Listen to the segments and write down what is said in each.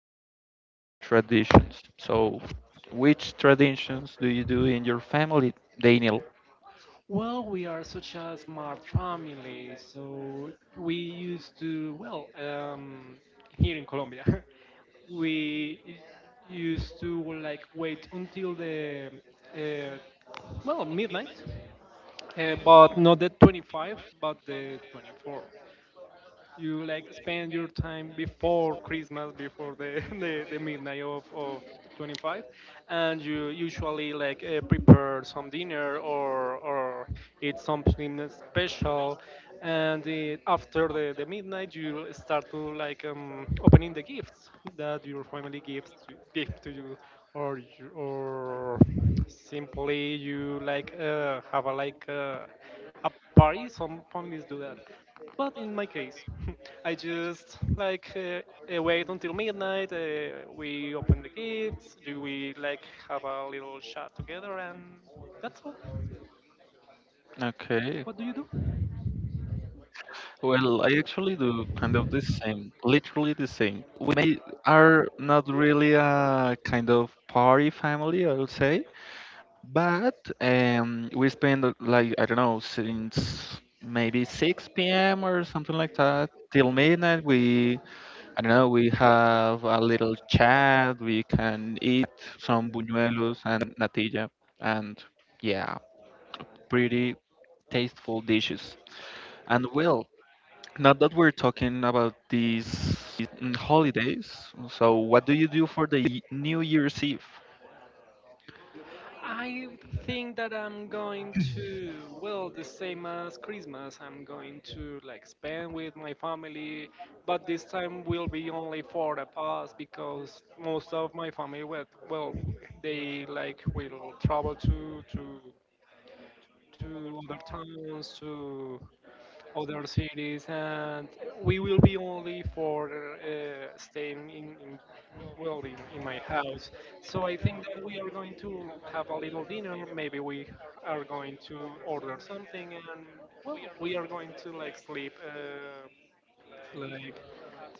Christmas Eve traditions. So, which traditions do you do in your family, Daniel? Well, we are such a smart family, so we used to, well, here in Colombia, we used to like wait until uh, midnight, but not the 25, but the 24. You like spend your time before Christmas, before the the midnight of 25, and you usually like prepare some dinner or eat something special, and after the midnight you start to like opening the gifts that your family gives to, give to you, or or simply you like have a like a party. Some families do that, but in my case, I just like wait until midnight. We open the gifts. Do we like have a little chat together, and that's all. Okay. What do you do? Well, I actually do kind of the same, literally the same. We may, are not really a kind of party family, I would say. But we spend like I don't know since maybe 6 p.m. or something like that till midnight. We I don't know. We have a little chat. We can eat some buñuelos and natilla, and yeah, pretty tasteful dishes. And well, now that we're talking about these holidays, so what do you do for the New Year's Eve? I think that I'm going to, well, the same as Christmas. I'm going to like spend with my family, but this time will be only for the past because most of my family went. Well, they like will travel to other towns, to other cities, and we will be only for staying in, well, in my house. So I think that we are going to have a little dinner. Maybe we are going to order something, and, well, we are going to like sleep like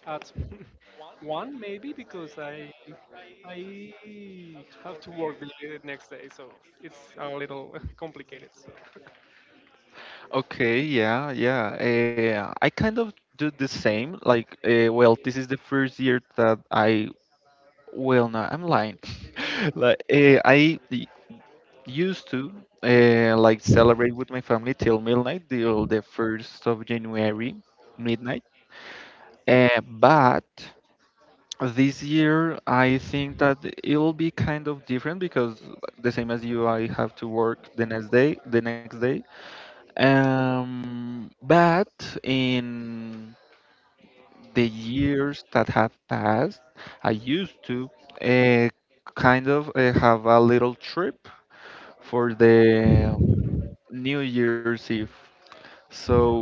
at one maybe because I have to work the next day, so it's a little complicated. So. Okay, yeah, yeah. I kind of do the same. Like, well, this is the first year that I, well, no, I'm lying. Like, used to like celebrate with my family till midnight, till the 1st of January, midnight. But this year, I think that it'll be kind of different because the same as you, I have to work the next day, the next day. But in the years that have passed, I used to uh, kind of have a little trip for the New Year's Eve. So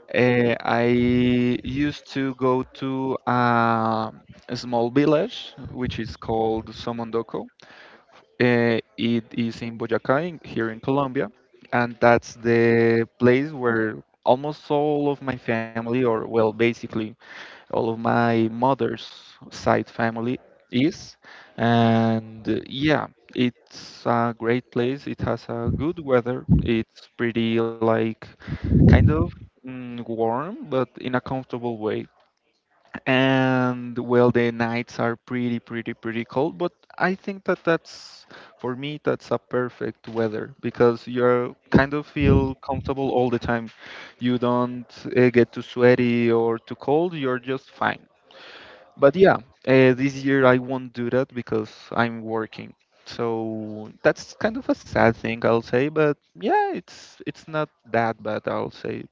I used to go to a small village which is called Somondoko. It is in Boyacá, in, here in Colombia, and that's the place where almost all of my family, or well, basically all of my mother's side family is. And yeah, it's a great place. It has a good weather. It's pretty like kind of warm, but in a comfortable way. And well, the nights are pretty pretty cold, but I think that that's for me. That's a perfect weather because you're kind of feel comfortable all the time. You don't get too sweaty or too cold. You're just fine. But yeah, this year I won't do that because I'm working, so that's kind of a sad thing, I'll say. But yeah, it's not that bad, I'll say.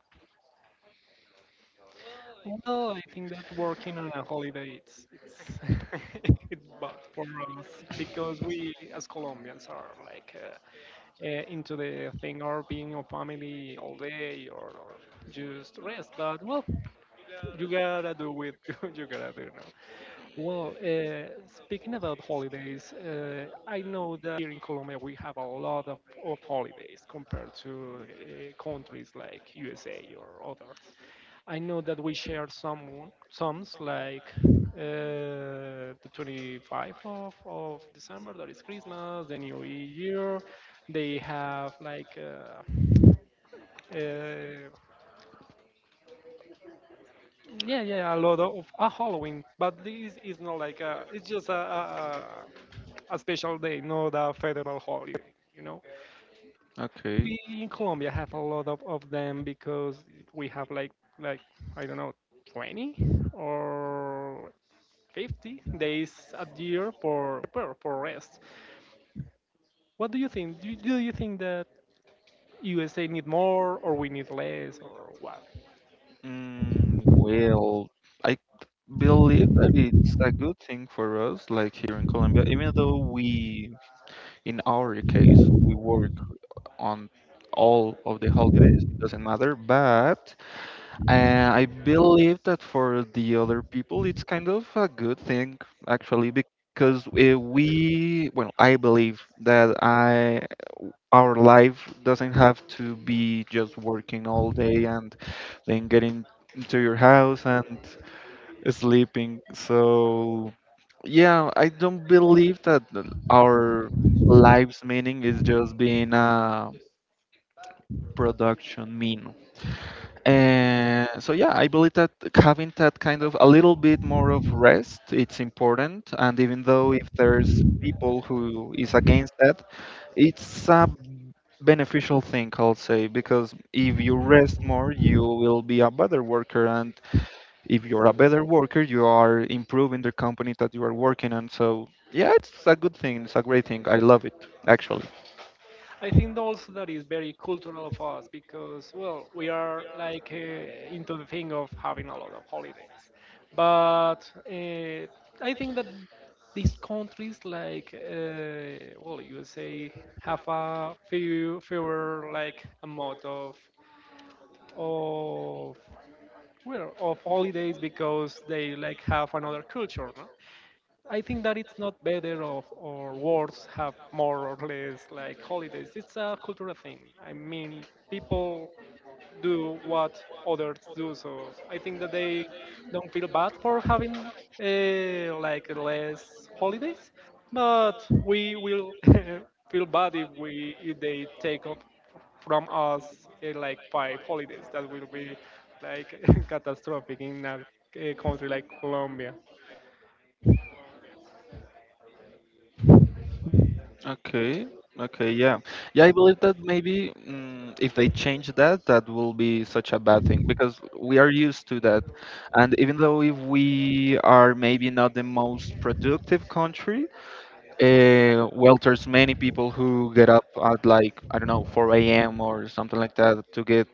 Well, I think that working on a holiday it's it's bad for us because we as Colombians are like into the thing or being a family all day or just rest. But, well, you gotta do it. You gotta do it. Well, speaking about holidays, I know that here in Colombia we have a lot of holidays compared to countries like USA or others. I know that we share some sums like the 25th of December, that is Christmas, the New Year. They have like uh, yeah, yeah, yeah, a lot of a Halloween, but this is not like a, it's just a special day, not a federal holiday, you know. Okay. We in Colombia have a lot of them because we have like I don't know, 20 or 50 days a year for rest. What do you think? Do you think that USA need more or we need less or what? Well, I believe that it's a good thing for us, like here in Colombia, even though we, in our case, we work on all of the holidays, it doesn't matter. But I believe that for the other people, it's kind of a good thing, actually, because we, well, I believe that I our life doesn't have to be just working all day and then getting into your house and sleeping. So, yeah, I don't believe that our life's meaning is just being a production mean. And so, yeah, I believe that having that kind of a little bit more of rest, it's important. And even though if there's people who is against that, it's a beneficial thing, I'll say, because if you rest more, you will be a better worker, and if you're a better worker, you are improving the company that you are working on. So, yeah, it's a good thing. It's a great thing. I love it, actually. I think also that is very cultural of us because, well, we are like into the thing of having a lot of holidays. But uh, I think that these countries, like, well, USA, have a few fewer like amount of of holidays because they like have another culture, no? I think that it's not better of or worse have more or less like holidays. It's a cultural thing. I mean, people do what others do, so I think that they don't feel bad for having like less holidays. But we will feel bad if we if they take up from us like five holidays. That will be like catastrophic in a country like Colombia. Okay. Okay, yeah. Yeah, I believe that maybe if they change that, that will be such a bad thing because we are used to that. And even though if we are maybe not the most productive country, well, there's many people who get up at like, I don't know, 4 a.m. or something like that to get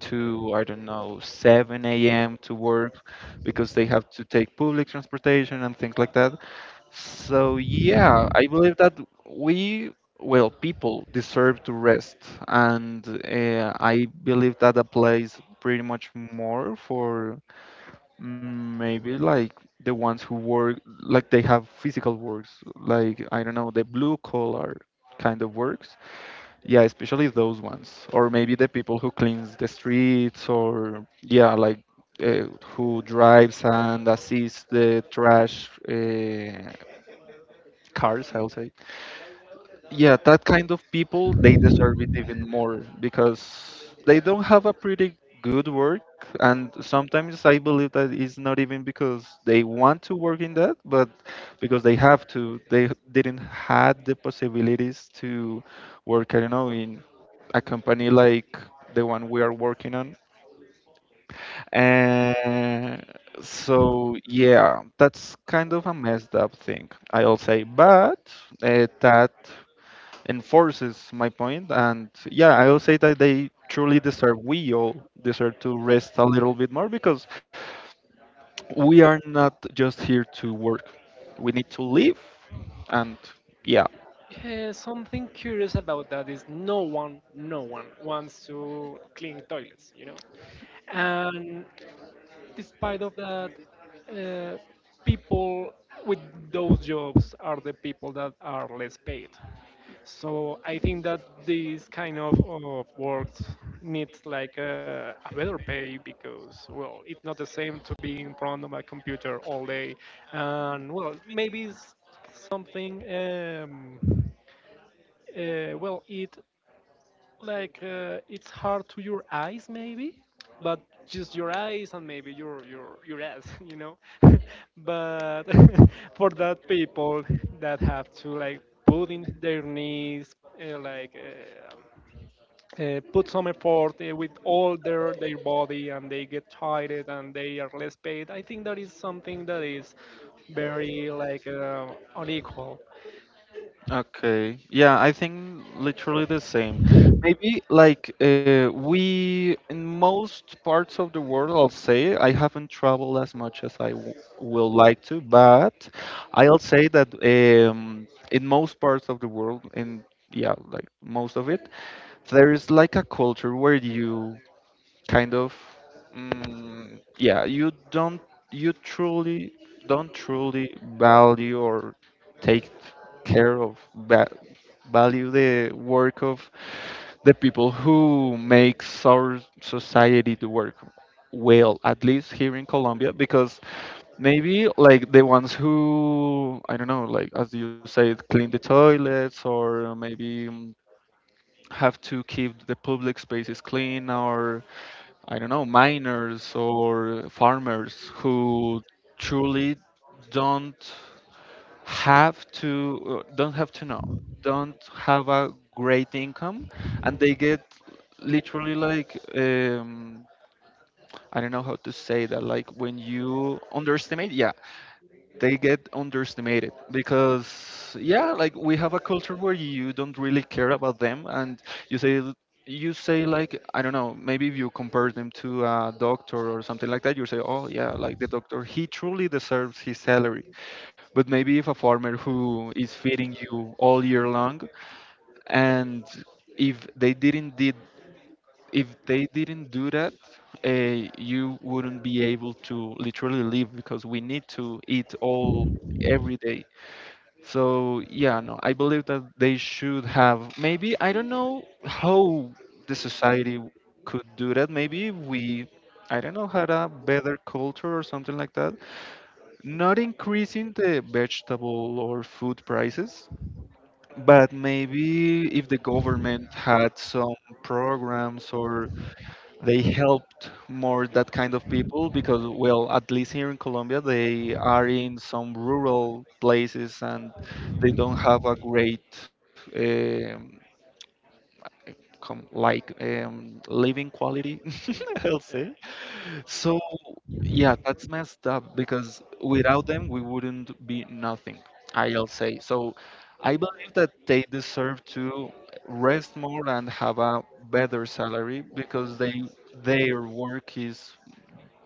to, I don't know, 7 a.m. to work because they have to take public transportation and things like that. So, yeah, I believe that we, well, people deserve to rest. And I believe that applies pretty much more for maybe like the ones who work, like they have physical works, like I don't know, the blue collar kind of works. Yeah, especially those ones. Or maybe the people who cleans the streets, or yeah, like uh, who drives and assists the trash cars, I'll say. Yeah, that kind of people, they deserve it even more because they don't have a pretty good work, and sometimes I believe that it's not even because they want to work in that, but because they have to. They didn't had the possibilities to work. I don't know, in a company like the one we are working on, and so yeah, that's kind of a messed up thing, I'll say. But that enforces my point, and yeah, I will say that they truly deserve we all deserve to rest a little bit more because we are not just here to work. We need to live. And yeah. Yeah, something curious about that is no one wants to clean toilets, you know. And despite of that, uh, people with those jobs are the people that are less paid. So I think that this kind of works needs like a better pay because, well, it's not the same to be in front of a computer all day, and, well, maybe it's something. Well, it like it's hard to your eyes maybe, but just your eyes and maybe your ass, you know. But for that people that have to like put in their knees, uh, like uh, put some effort with all their body and they get tired and they are less paid. I think that is something that is very like unequal. Okay. Yeah, I think literally the same. Maybe like we in most parts of the world, I'll say I haven't traveled as much as I w will like to, but I'll say that in most parts of the world, in yeah, like most of it, there is like a culture where you kind of yeah, you truly don't truly value or take care of va- value the work of the people who makes our society to work, well at least here in Colombia. Because maybe like the ones who I don't know, like as you said, clean the toilets, or maybe have to keep the public spaces clean, or I don't know, miners or farmers who truly don't have to don't have a great income, and they get literally like I don't know how to say that, like when you underestimate, yeah, they get underestimated because yeah, like we have a culture where you don't really care about them. And you say you say like I don't know, maybe if you compare them to a doctor or something like that, you say, oh yeah, like the doctor, he truly deserves his salary. But maybe if a farmer who is feeding you all year long, and if they didn't did if they didn't do that, you wouldn't be able to literally live because we need to eat all every day. So yeah, no, I believe that they should have, maybe I don't know how the society could do that. Maybe if we I don't know had a better culture or something like that. Not increasing the vegetable or food prices, but maybe if the government had some programs, or they helped more that kind of people, because well at least here in Colombia they are in some rural places and they don't have a great um, living quality, I'll Yeah. say. So yeah, that's messed up because without them we wouldn't be nothing, I'll say. So I believe that they deserve to rest more and have a better salary because they their work is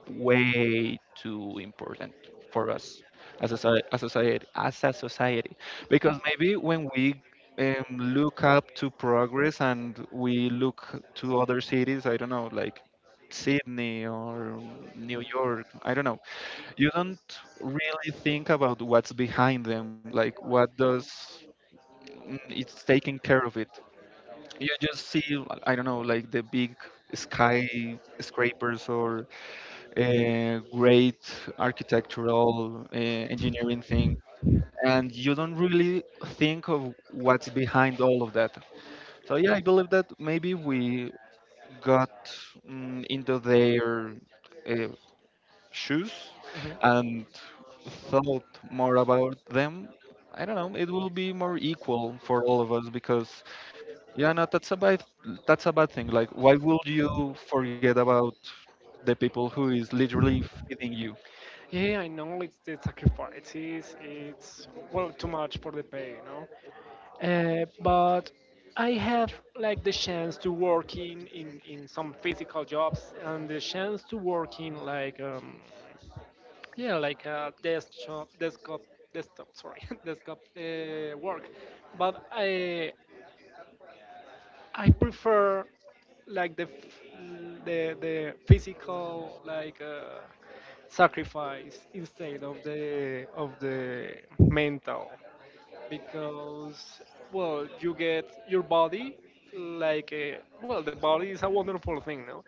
way too important for us as a, soci- as a society as a society. Because maybe when we look up to progress and we look to other cities, I don't know, like Sydney or New York, I don't know, you don't really think about what's behind them, like what does it's taking care of it. You just see, I don't know, like the big skyscrapers or great architectural engineering thing, and you don't really think of what's behind all of that. So yeah, I believe that maybe we got into their uh, shoes Mhm. and thought more about them. I don't know. It will be more equal for all of us, because yeah, no, that's a bad thing. Like, why would you forget about the people who is literally feeding you? Yeah, I know it's the sacrifices, it's well too much for the pay, you know. But I have like the chance to work in some physical jobs and the chance to work in like yeah like a desk job, desktop sorry, desktop work, but I prefer like the f- the physical like. Sacrifice instead of the mental because, well, you get your body like a, well, the body is a wonderful thing, no?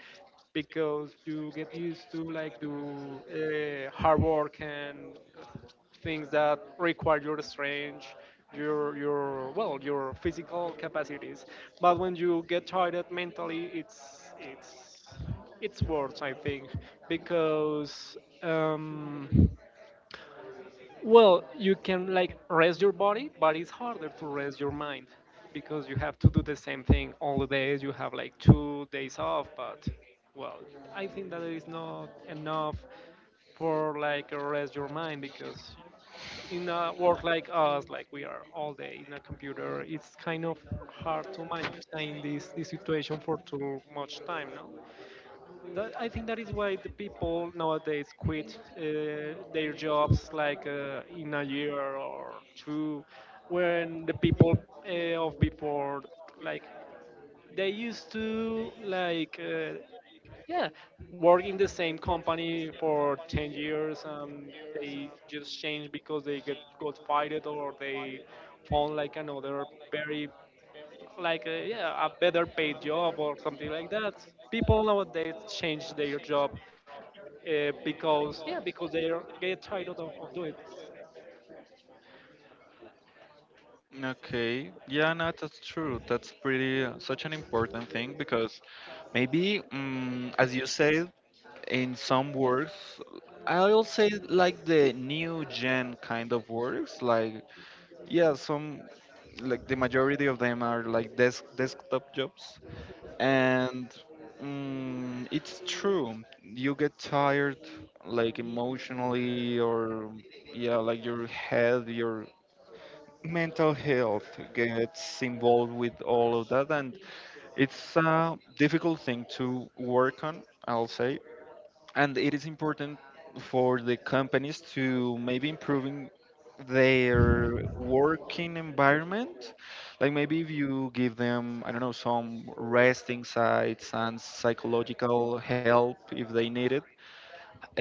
Because you get used to like do hard work and things that require your strength, your well, your physical capacities. But when you get tired mentally, it's worse, I think. Because well, you can like rest your body, but it's harder to rest your mind because you have to do the same thing all the days. You have like 2 days off, but, well, I think that is not enough for like rest your mind because in a work like us, like we are all day in a computer, it's kind of hard to maintain this situation for too much time, no? That, I think that is why the people nowadays quit their jobs like in a year or two, when the people of before like they used to like yeah work in the same company for 10 years and they just change because they get got fired or they found like another very like yeah a better paid job or something like that. People nowadays change their job because, yeah, because they are get tired of doing it. Okay. Yeah, no, that's true. That's pretty such an important thing because maybe, as you said, in some works, I'll say like the new gen kind of works. Like, yeah, some like the majority of them are like desktop jobs, and it's true. You get tired, like emotionally, or yeah, like your head, your mental health gets involved with all of that, and it's a difficult thing to work on, I'll say. And it is important for the companies to maybe improving their working environment, like maybe if you give them, I don't know, some resting sites and psychological help if they need it.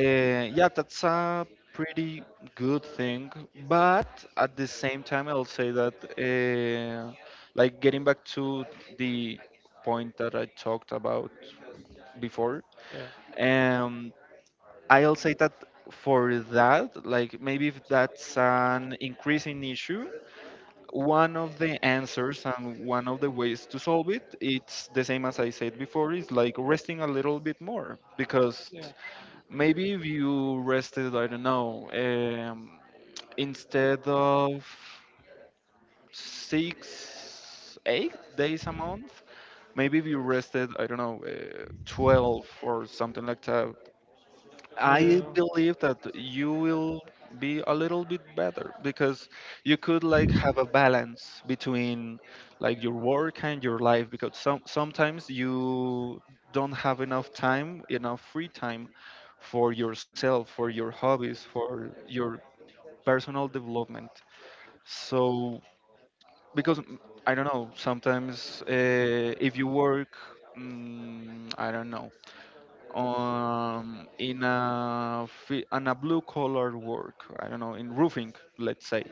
Yeah, that's a pretty good thing, but at the same time, I'll say that, like getting back to the point that I talked about before, Yeah, um, I'll say that for that, like maybe if that's an increasing issue, one of the answers and one of the ways to solve it, it's the same as I said before, is like resting a little bit more because yeah, maybe if you rested, I don't know, instead of six, 8 days a month, maybe if you rested, I don't know, 12 or something like that, I yeah. believe that you will be a little bit better because you could like have a balance between like your work and your life because sometimes you don't have enough time, enough free time for yourself, for your hobbies, for your personal development. So because I don't know, sometimes if you work, I don't know, on a blue collar work, I don't know, in roofing, let's say,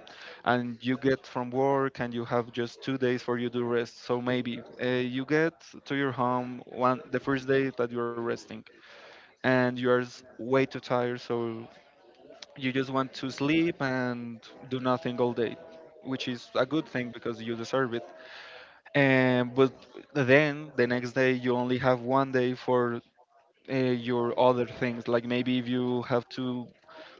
and you get from work and you have just 2 days for you to rest, so maybe you get to your home one the first day that you're resting and you're way too tired, so you just want to sleep and do nothing all day, which is a good thing because you deserve it. And but then the next day you only have one day for your other things. Like maybe if you have to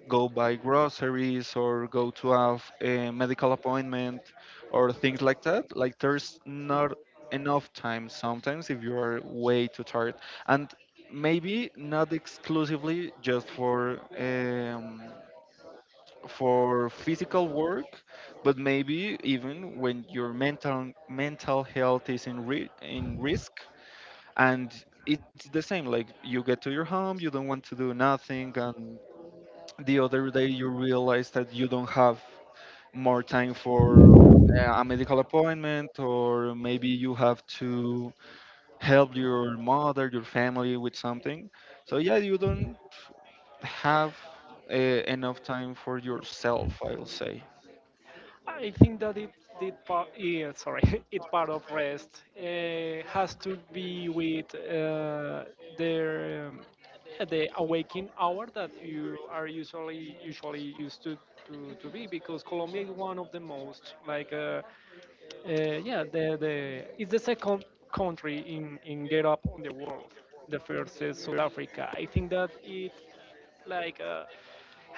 go buy groceries or go to have a medical appointment or things like that. Like there's not enough time sometimes if you are way too tired. And maybe not exclusively just for physical work, but maybe even when your mental health is in in risk. And it's the same, like you get to your home, you don't want to do nothing, and the other day you realize that you don't have more time for a medical appointment, or maybe you have to help your mother, your family with something. So yeah, you don't have enough time for yourself, I'll say. I think that it did part. Yeah, sorry, it part of rest has to be with their yeah, the awaking hour that you are usually used to to be because Colombia is one of the most like yeah, the it's the second country in Get Up on the world. The first is South Africa. I think that it like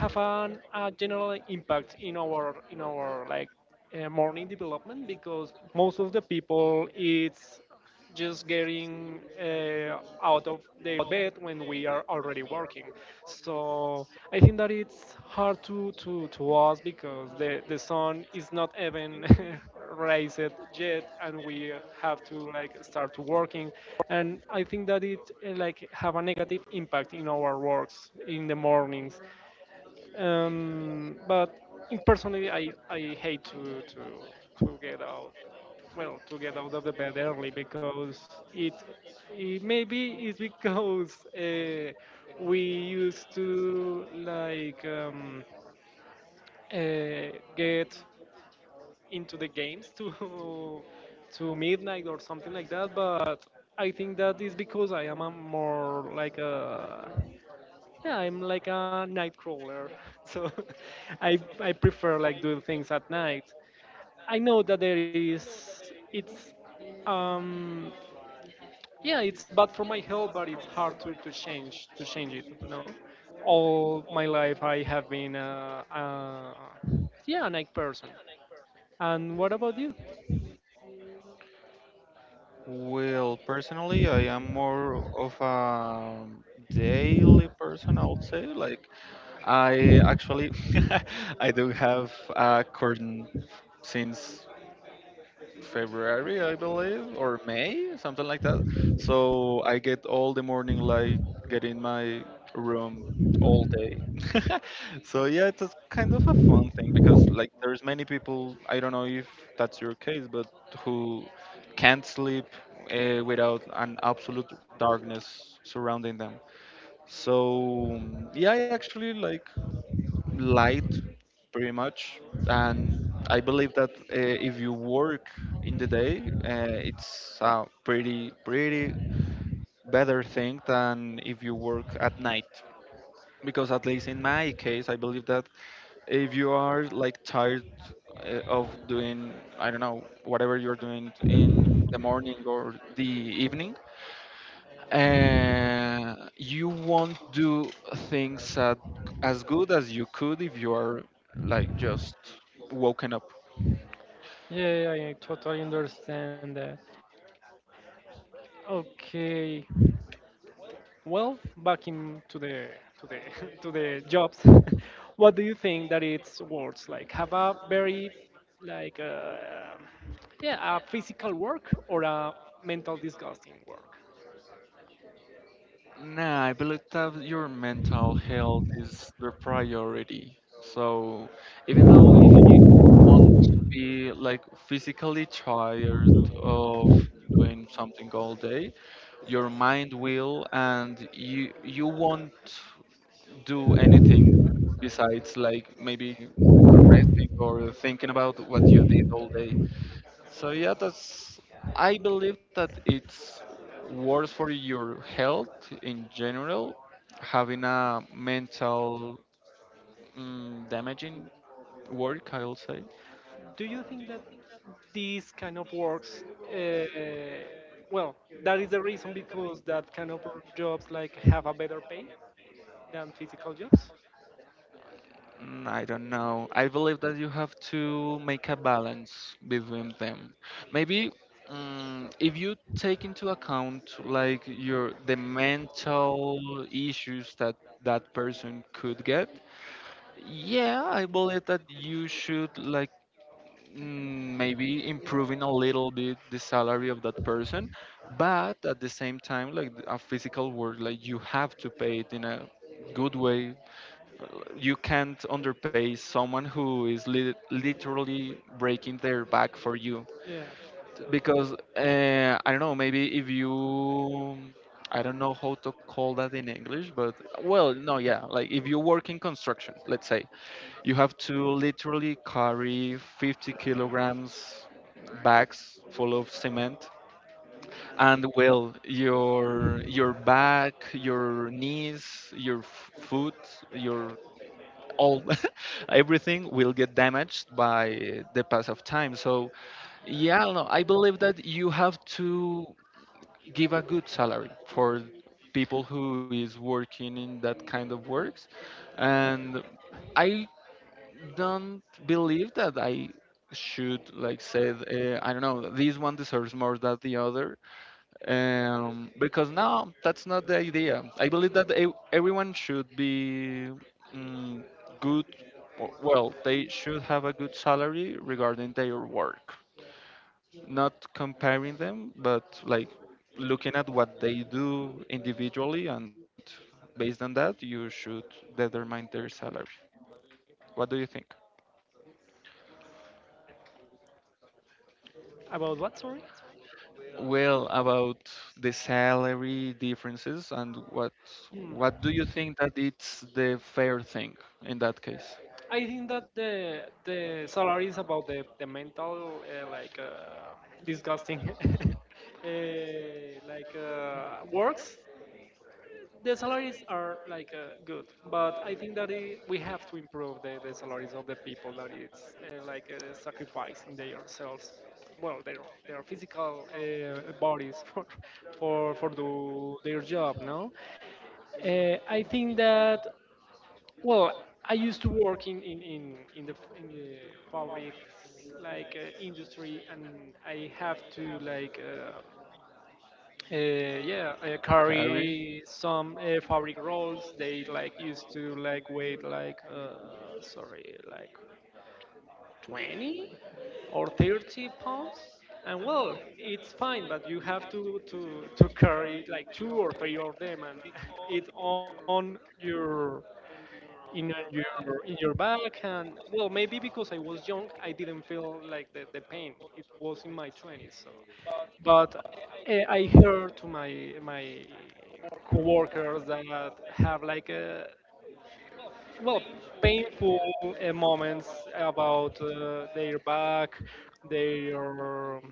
have a general impact in our like morning development because most of the people it's just getting out of the bed when we are already working. So I think that it's hard to us because the sun is not even raised yet, and we have to like start working. And I think that it like have a negative impact in our works in the mornings. But in personally, I hate to get out, well, to get out of the bed early because it, it maybe it's because we used to like get into the games to to midnight or something like that. But I think that is because I am a more like a, yeah, I'm like a night crawler, so I prefer like doing things at night. I know that there is, it's um yeah it's bad for my health, but it's hard to change it. You know, all my life I have been yeah, a night person. And what about you? Well, personally, I am more of a daily person, I'll say. Like, I actually I do have a curtain since February, I believe, or May, something like that. So I get all the morning light, get in my room all day. So yeah, it's a kind of a fun thing because like there's many people, I don't know if that's your case, but who can't sleep without an absolute darkness surrounding them. So yeah, I actually like light pretty much. And I believe that if you work in the day, it's a pretty, pretty better thing than if you work at night. Because at least in my case, I believe that if you are like tired of doing, I don't know, whatever you're doing in the morning or the evening, you won't do things at, as good as you could if you are like just woken up. Yeah, I totally understand that. Okay, well, back in to the to the jobs. What do you think that it's words like have a very like yeah, a physical work or a mental disgusting work? Nah, I believe that your mental health is the priority. So even though if you want to be like physically tired of doing something all day, your mind will, and you won't do anything besides like maybe resting or thinking about what you did all day. So yeah, that's. I believe that it's worse for your health in general, having a mental, damaging work, I will say. Do you think that these kind of works, uh, well, that is the reason because that kind of jobs like have a better pay than physical jobs? Mm, I don't know. I believe that you have to make a balance between them. Maybe if you take into account like your the mental issues that that person could get, yeah, I believe that you should like maybe improving a little bit the salary of that person, but at the same time, like a physical work, like you have to pay it in a good way. Uh, you can't underpay someone who is literally breaking their back for you Yeah. because I don't know, maybe if you, I don't know how to call that in English, but well, no, yeah, like if you work in construction, let's say, you have to literally carry 50 kilograms bags full of cement, and well, your back, your knees, your foot, your all everything will get damaged by the pass of time. So yeah, no, I believe that you have to give a good salary for people who is working in that kind of works. And I don't believe that I should like say, I don't know, this one deserves more than the other, because no, that's not the idea. I believe that everyone should be, mm, good, well, they should have a good salary regarding their work, not comparing them, but like looking at what they do individually, and based on that you should determine their salary. What do you think? About what? Sorry. Well, about the salary differences and what Hmm. do you think that it's the fair thing in that case? I think that the salary is about the mental disgusting uh, works. The salaries are like good, but I think that I we have to improve the salaries of the people that it's sacrificing themselves, well, their physical bodies for do their job. No, I think that, well, I used to work in the fabrics like industry, and I have to like uh, yeah, Carry carry some fabric rolls. They like used to like weight like sorry, like 20 or 30 pounds. And, well, it's fine, but you have to carry like two or three of them and it on in your your back and, well, maybe because I was young I didn't feel like the pain. It was in my 20s. So but I heard to my coworkers that have like a, well, painful moments about their back, their,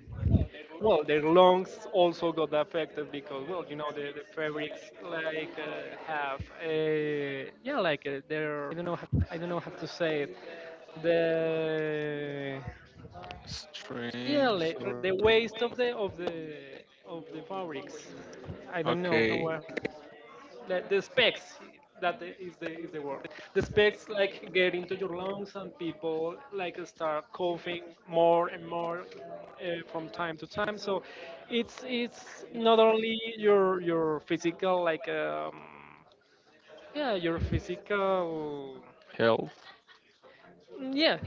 well, their lungs also got affected because, well, you know, the fabrics like have yeah like their, I don't know how, to say it, the, yeah, strings like, or the waste of the fabrics. I don't okay, know how, like the specs that is the, is the word, the specs like get into your lungs and people like start coughing more and more from time to time. So it's not only your physical like yeah, your physical, health. yeah.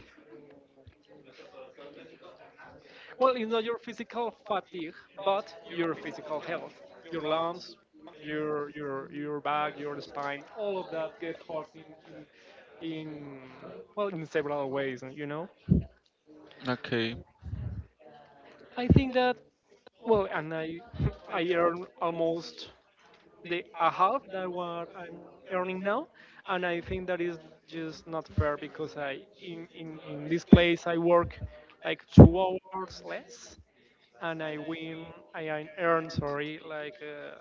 Well, it's not your physical fatigue, but your physical health, your lungs, your back, your spine, all of that get hurt in, well, in several ways. And, you know, Okay, I think that, well, and I I earn almost the a half that what I'm earning now, and I think that is just not fair because in this place I work like 2 hours less and I win, I earn, sorry, like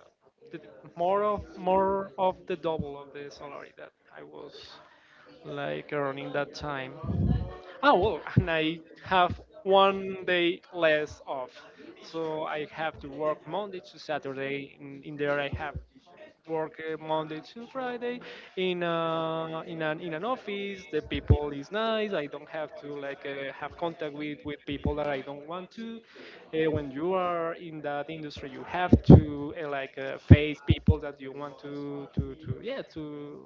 the, more of the double of the salary that I was like earning that time. Oh, well, and I have one day less off, so I have to work Monday to Saturday. In there, I have work Monday to Friday in in an office. The people is nice. I don't have to like have contact with people that I don't want to. When you are in that industry, you have to face people that you want to yeah,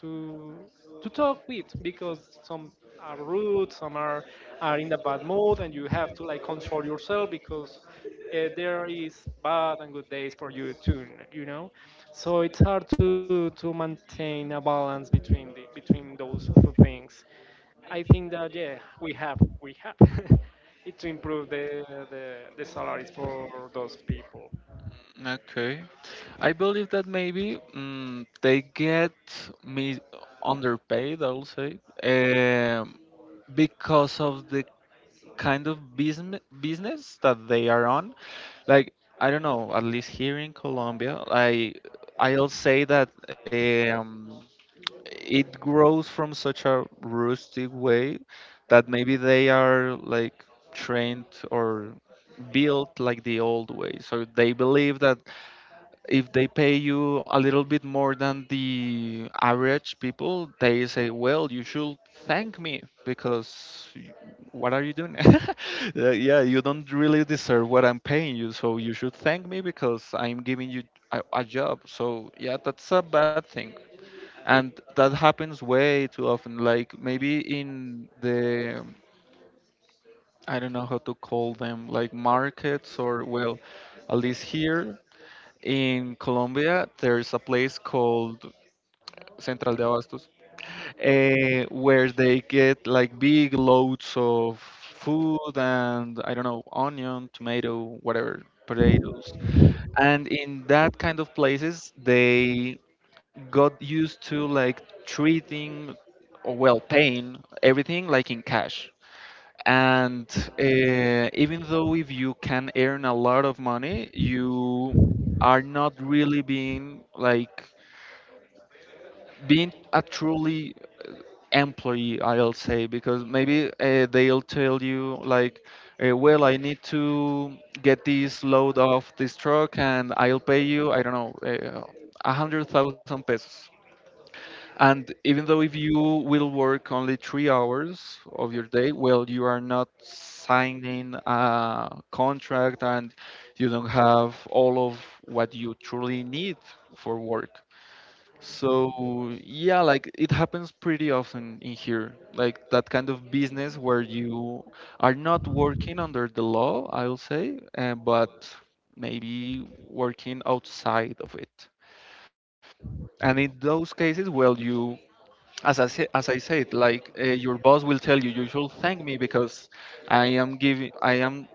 to to talk with because some are rude, some are in a bad mood, and you have to like control yourself because there is bad and good days for you too, you know. So it's hard to maintain a balance between the between those two things. I think that, yeah, we have it to improve the salaries for those people. okay. I believe that maybe, they get me underpaid, I'll say, because of the kind of business that they are on. Like, I don't know. At least here in Colombia, I'll say that it grows from such a rustic way that maybe they are like trained or built like the old way. So they believe that if they pay you a little bit more than the average people, they say, "Well, you should thank me because what are you doing? Yeah, you don't really deserve what I'm paying you, so you should thank me because I'm giving you a job." So yeah, that's a bad thing, and that happens way too often. Like maybe in the, I don't know how to call them, like markets, or well, at least here in Colombia, there's a place called Central de Abastos, eh, where they get like big loads of food and I don't know, onion, tomato, whatever, potatoes. And in that kind of places, they got used to like treating, or well, paying everything like in cash. And even though if you can earn a lot of money, you are not really being like being a truly employee, I'll say, because maybe they'll tell you like, well, I need to get this load off this truck and I'll pay you, I don't know, 100,000 pesos, and even though if you will work only 3 hours of your day, well, you are not signing a contract and you don't have all of what you truly need for work. So, yeah, like it happens pretty often in here, like that kind of business where you are not working under the law, I'll say, but maybe working outside of it. And in those cases, well, you, as I, say, as I said, like, your boss will tell you, you should thank me because I am giving, I am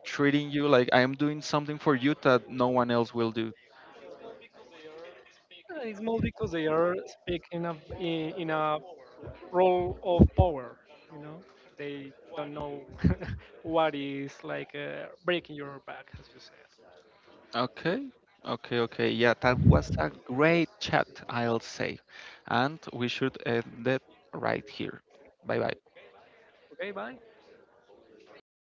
treating you like I am doing something for you that no one else will do. It's more because they are speaking of in a role of power, you know. They don't know what is like breaking your back, as you said. Okay, okay, okay. Yeah, that was a great chat, I'll say, and we should end it right here. Bye bye. Okay, bye.